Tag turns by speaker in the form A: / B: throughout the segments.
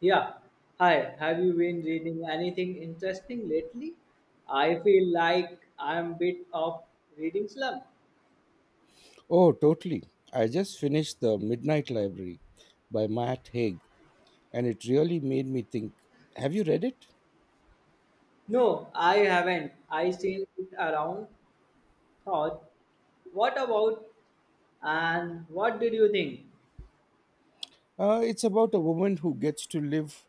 A: Yeah. Hi. Have you been reading anything interesting lately? I feel like I'm a bit of reading slump.
B: Oh, totally. I just finished The Midnight Library by Matt Haig, and it really made me think. Have you read it?
A: No, I haven't. I seen it around. Thought, what about and what did you think?
B: It's about a woman who gets to live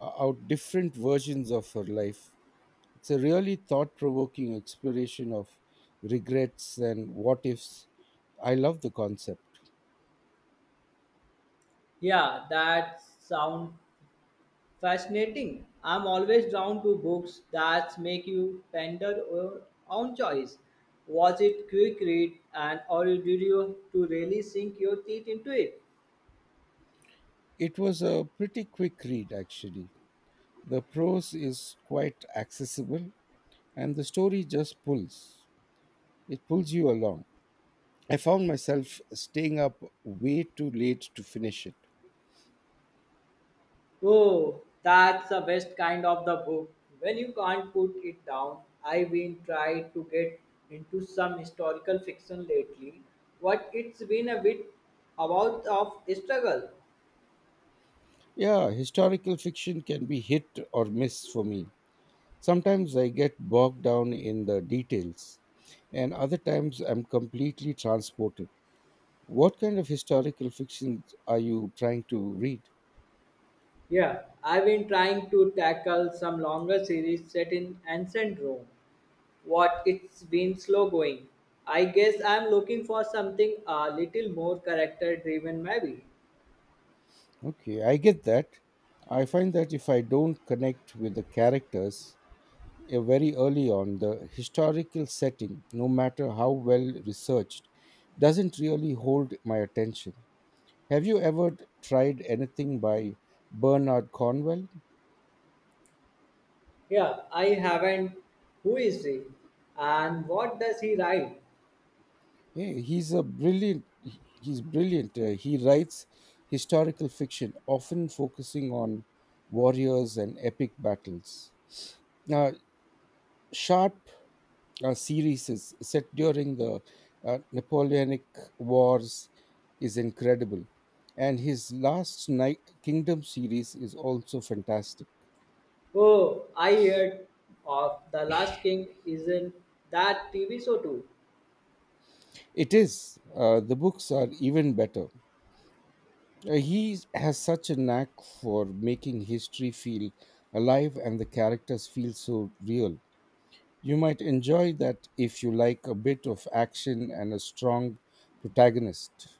B: out different versions of her life. It's a really thought provoking exploration of regrets and what ifs. I love the concept.
A: Yeah, that sounds fascinating. I'm always drawn to books that make you ponder your own choice. Was it quick read and or did you to really sink your teeth into it?
B: It was a pretty quick read, actually. The prose is quite accessible, and the story just pulls. It pulls you along. I found myself staying up way too late to finish it.
A: Oh, that's the best kind of the book. When you can't put it down, I've been trying to get into some historical fiction lately. What it's been a bit about of struggle.
B: Yeah, historical fiction can be hit or miss for me. Sometimes I get bogged down in the details, and other times I'm completely transported. What kind of historical fiction are you trying to read?
A: Yeah, I've been trying to tackle some longer series set in ancient Rome. What it's been slow going. I guess I'm looking for something a little more character driven, maybe.
B: Okay, I get that. I find that if I don't connect with the characters, very early on, the historical setting, no matter how well researched, doesn't really hold my attention. Have you ever tried anything by Bernard Cornwell?
A: Yeah, I haven't. Who is he? And what does he write?
B: He's brilliant. He writes historical fiction, often focusing on warriors and epic battles. Now, sharp series is set during the Napoleonic Wars is incredible, and his last night Kingdom series is also fantastic.
A: Oh, I heard of The Last King. Isn't that TV show too?
B: It is, the books are even better. He has such a knack for making history feel alive, and the characters feel so real. You might enjoy that if you like a bit of action and a strong protagonist.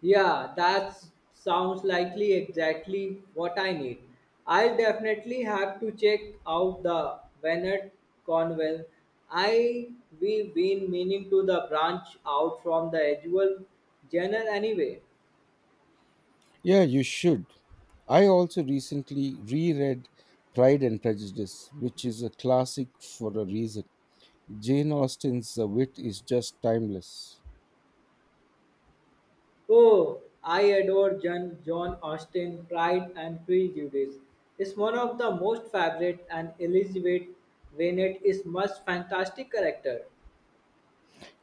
A: Yeah, that sounds likely exactly what I need. I'll definitely have to check out the Bennett Conwell. I we've been meaning to the branch out from the usual journal anyway.
B: Yeah, you should. I also recently reread Pride and Prejudice, which is a classic for a reason. Jane Austen's wit is just timeless.
A: Oh, I adore John Austin, Pride and Prejudice. It's one of the most favorite and Elizabeth Bennet is most fantastic character.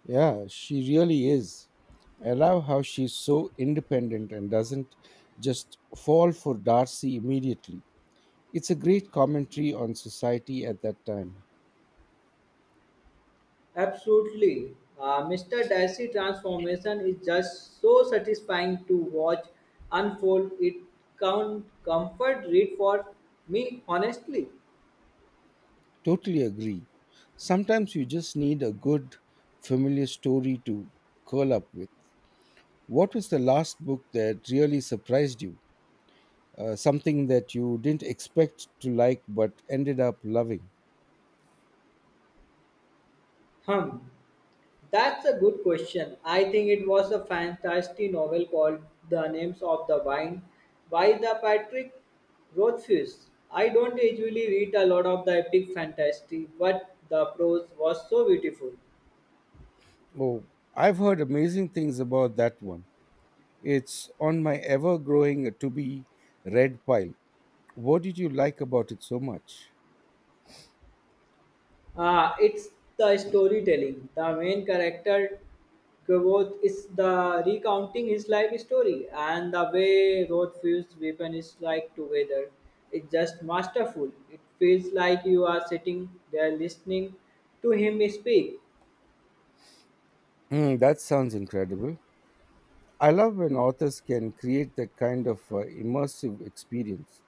B: Yeah, she really is. I love how she's so independent and doesn't just fall for Darcy immediately. It's a great commentary on society at that time.
A: Absolutely. Mr. Darcy transformation is just so satisfying to watch unfold. It can't comfort read for me honestly.
B: Totally agree. Sometimes you just need a good, familiar story to curl up with. What was the last book that really surprised you? Something that you didn't expect to like but ended up loving?
A: Hum. That's a good question. I think it was a fantastic novel called The Names of the Wine by the Patrick Rothfuss. I don't usually read a lot of the epic fantasy, but the prose was so beautiful.
B: Oh, I've heard amazing things about that one. It's on my ever growing to be read pile. What did you like about it so much?
A: Ah, it's the storytelling. The main character, Gavoth, is the recounting his life story, and the way Roth feels weapon is like together. It's just masterful. It feels like you are sitting there listening to him speak.
B: Hmm, that sounds incredible. I love when authors can create that kind of immersive experience.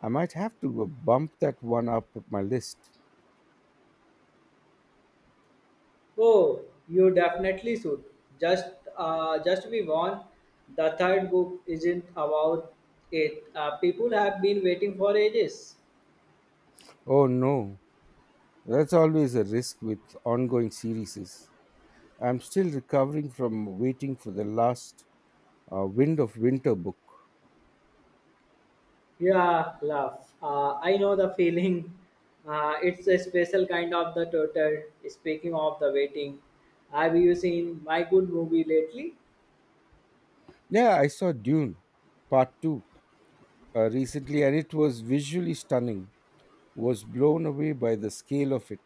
B: I might have to bump that one up my list.
A: Oh, you definitely should. Just, just be warned. The third book isn't about it. People have been waiting for ages.
B: Oh no, that's always a risk with ongoing series. I'm still recovering from waiting for the last, Wind of Winter book.
A: Yeah, love. I know the feeling. It's a special kind of the total. Speaking of the waiting, have you seen my good movie lately?
B: Yeah, I saw Dune Part 2 recently, and it was visually stunning. Was blown away by the scale of it.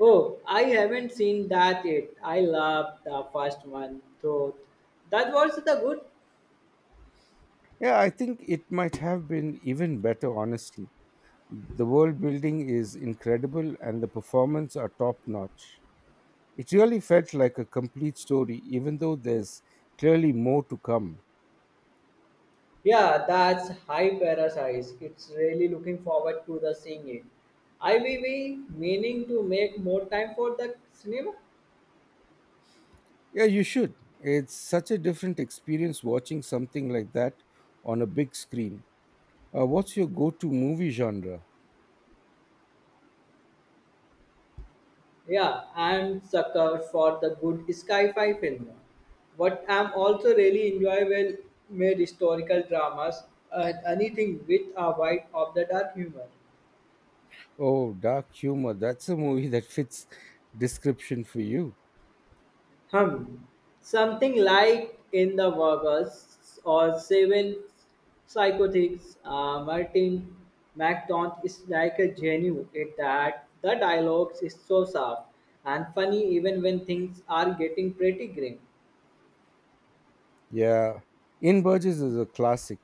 A: Oh, I haven't seen that yet. I love the first one though. That was the good.
B: Yeah, I think it might have been even better honestly. The world building is incredible and the performance are top notch. It really felt like a complete story even though there's clearly more to come.
A: Yeah, that's high parasites. It's really looking forward to the seeing it. I will be meaning to make more time for the cinema.
B: Yeah, you should. It's such a different experience watching something like that on a big screen. What's your go to movie genre?
A: Yeah, I'm sucker for the good sci-fi film. What I'm also really enjoy well made historical dramas and anything with a white of the dark humor.
B: Oh, dark humor. That's a movie that fits description for you.
A: Hum, something like In the Workers or Seven Psychotics, Martin MacDonald is like a genius at that. The dialogues is so sharp and funny even when things are getting pretty grim.
B: Yeah. In Burgess is a classic.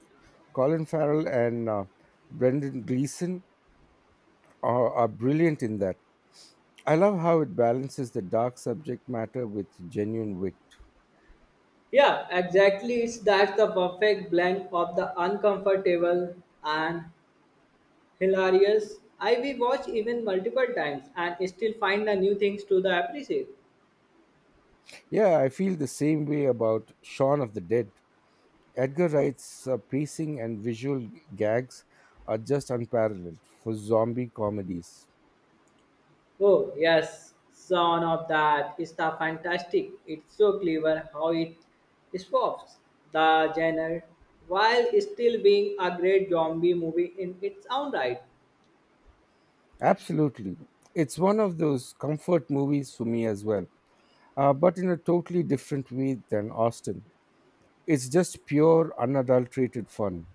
B: Colin Farrell and, Brendan Gleeson are brilliant in that. I love how it balances the dark subject matter with genuine wit.
A: Yeah, exactly. It's that's the perfect blend of the uncomfortable and hilarious. I we watch even multiple times and still find the new things to the appreciate.
B: Yeah, I feel the same way about Shaun of the Dead. Edgar Wright's pacing and visual gags are just unparalleled for zombie comedies.
A: Oh yes, son of that is the fantastic. It's so clever how it swaps the genre while still being a great zombie movie in its own right.
B: Absolutely. It's one of those comfort movies for me as well, but in a totally different way than Austin. It's just pure, unadulterated fun.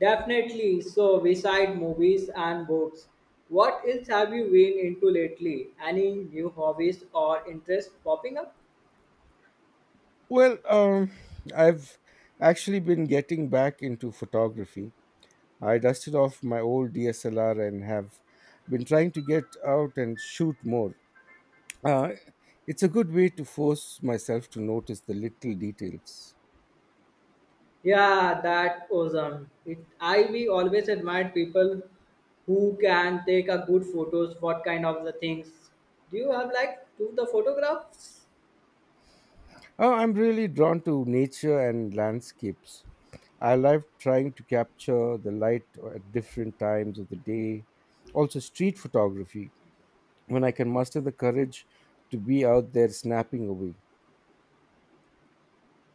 A: Definitely. So, beside movies and books, what else have you been into lately? Any new hobbies or interests popping up?
B: Well, I've actually been getting back into photography. I dusted off my old DSLR and have been trying to get out and shoot more. Uh, it's a good way to force myself to notice the little details.
A: Yeah, that awesome. It, I we always admired people who can take a good photos. What kind of the things do you have like to the photographs?
B: Oh, I'm really drawn to nature and landscapes. I love trying to capture the light at different times of the day. Also, street photography, when I can muster the courage to be out there snapping away.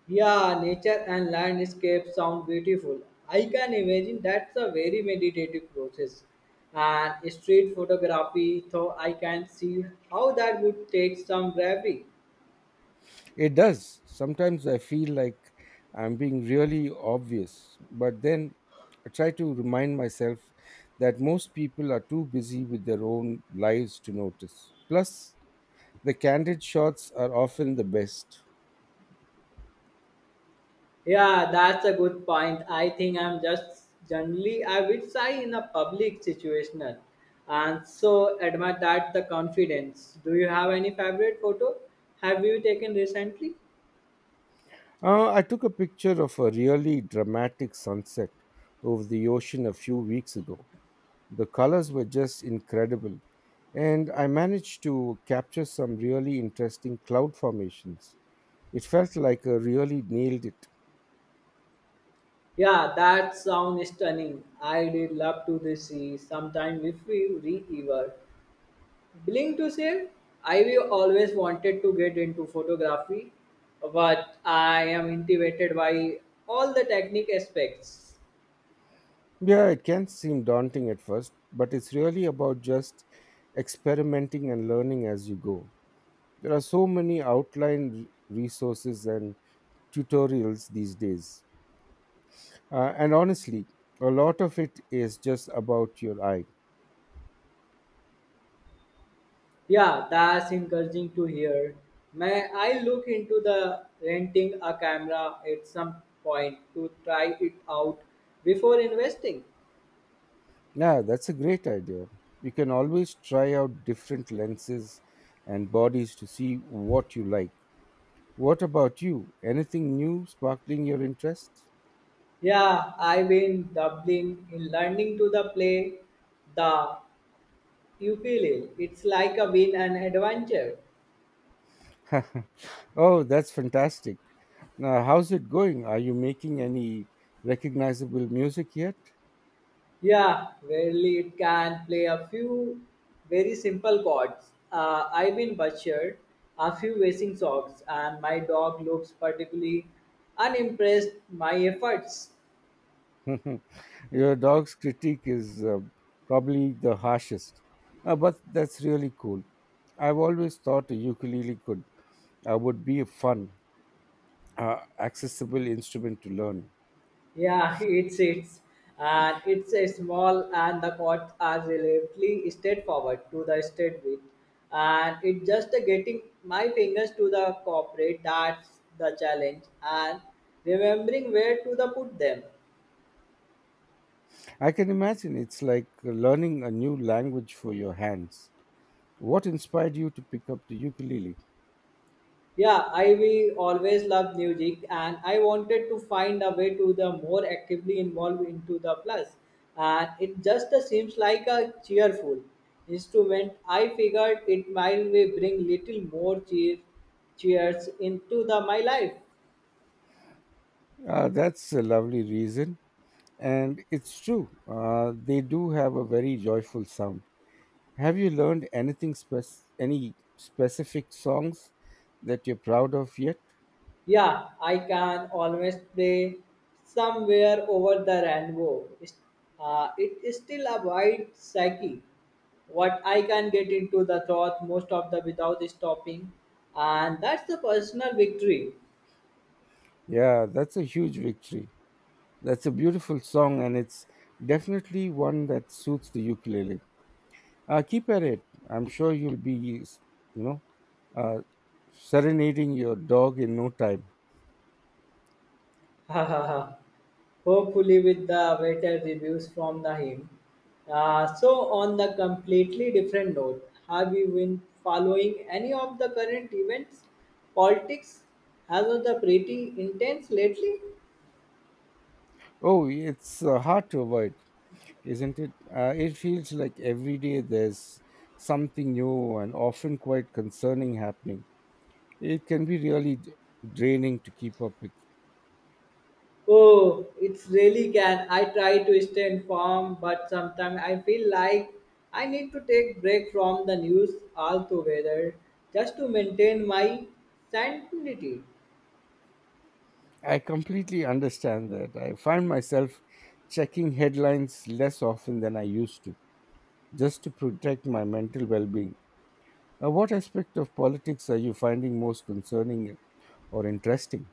A: Yeah, nature and landscape sound beautiful. I can imagine that's a very meditative process. And street photography, though, I can see how that would take some bravery.
B: It does. Sometimes I feel like I'm being really obvious, but then I try to remind myself that most people are too busy with their own lives to notice. Plus, the candid shots are often the best.
A: Yeah, that's a good point. I think I'm just generally I would say in a public situational, and so admire that the confidence. Do you have any favorite photo? Have you taken recently?
B: I took a picture of a really dramatic sunset over the ocean a few weeks ago. The colors were just incredible, and I managed to capture some really interesting cloud formations. It felt like I really nailed it.
A: Yeah, that sounds stunning. I did love to the sea sometime if we re-ever. Willing to say, I will always wanted to get into photography, but I am intimidated by all the technique aspects.
B: Yeah, it can seem daunting at first, but it's really about just experimenting and learning as you go. There are so many resources and tutorials these days. And honestly, a lot of it is just about your eye.
A: Yeah, that's encouraging to hear. May I look into the renting a camera at some point to try it out before investing?
B: Yeah, that's a great idea. You can always try out different lenses and bodies to see what you like. What about you? Anything new sparkling your interest?
A: Yeah, I've been doubling in learning to the play the ukulele. It's like a win and adventure.
B: Oh, that's fantastic. Now, how's it going? Are you making any recognizable music yet?
A: Yeah, rarely it can play a few very simple chords. I've been butchered a few racing songs, and my dog looks particularly unimpressed my efforts.
B: Your dog's critique is, probably the harshest. But that's really cool. I've always thought a ukulele could, would be a fun, accessible instrument to learn.
A: Yeah, it's and it's a small and the courts are relatively straightforward to the state with and it's just a getting my fingers to the corporate that's the challenge and remembering where to the put them.
B: I can imagine it's like learning a new language for your hands. What inspired you to pick up the ukulele?
A: Yeah, I we always love music, and I wanted to find a way to the more actively involved into the plus. And it just seems like a cheerful instrument. I figured it might be bring little more cheers into the my life.
B: That's a lovely reason. And it's true, they do have a very joyful sound. Have you learned anything any specific songs that you're proud of yet?
A: Yeah, I can always play somewhere over the rainbow. It's- it is still a wide psyche. What I can get into the thought most of the without stopping, and that's the personal victory.
B: Yeah, that's a huge victory. That's a beautiful song, and it's definitely one that suits the ukulele. Keep at it. I'm sure you'll be, you know, uh, serenading your dog in no time.
A: Ha ha ha. Hopefully, with the better reviews from the him. So, on the completely different note, have you been following any of the current events? Politics has been pretty intense lately.
B: Oh, it's hard to avoid, isn't it? It feels like every day there's something new and often quite concerning happening. It can be really draining to keep up with.
A: Oh, it's really can. I try to stay informed, but sometimes I feel like I need to take break from the news altogether just to maintain my sanity.
B: I completely understand that. I find myself checking headlines less often than I used to, just to protect my mental well being. What aspect of politics are you finding most concerning or interesting?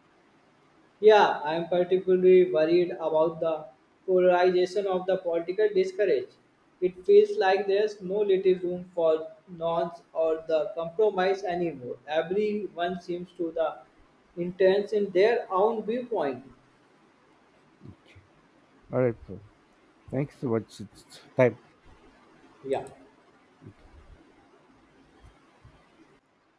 A: Yeah, I am particularly worried about the polarization of the political discourse. It feels like there's no little room for nuance or the compromise anymore. Everyone seems to the intense in their own viewpoint.
B: All right, bro. Thanks so much. It's time.
A: Yeah.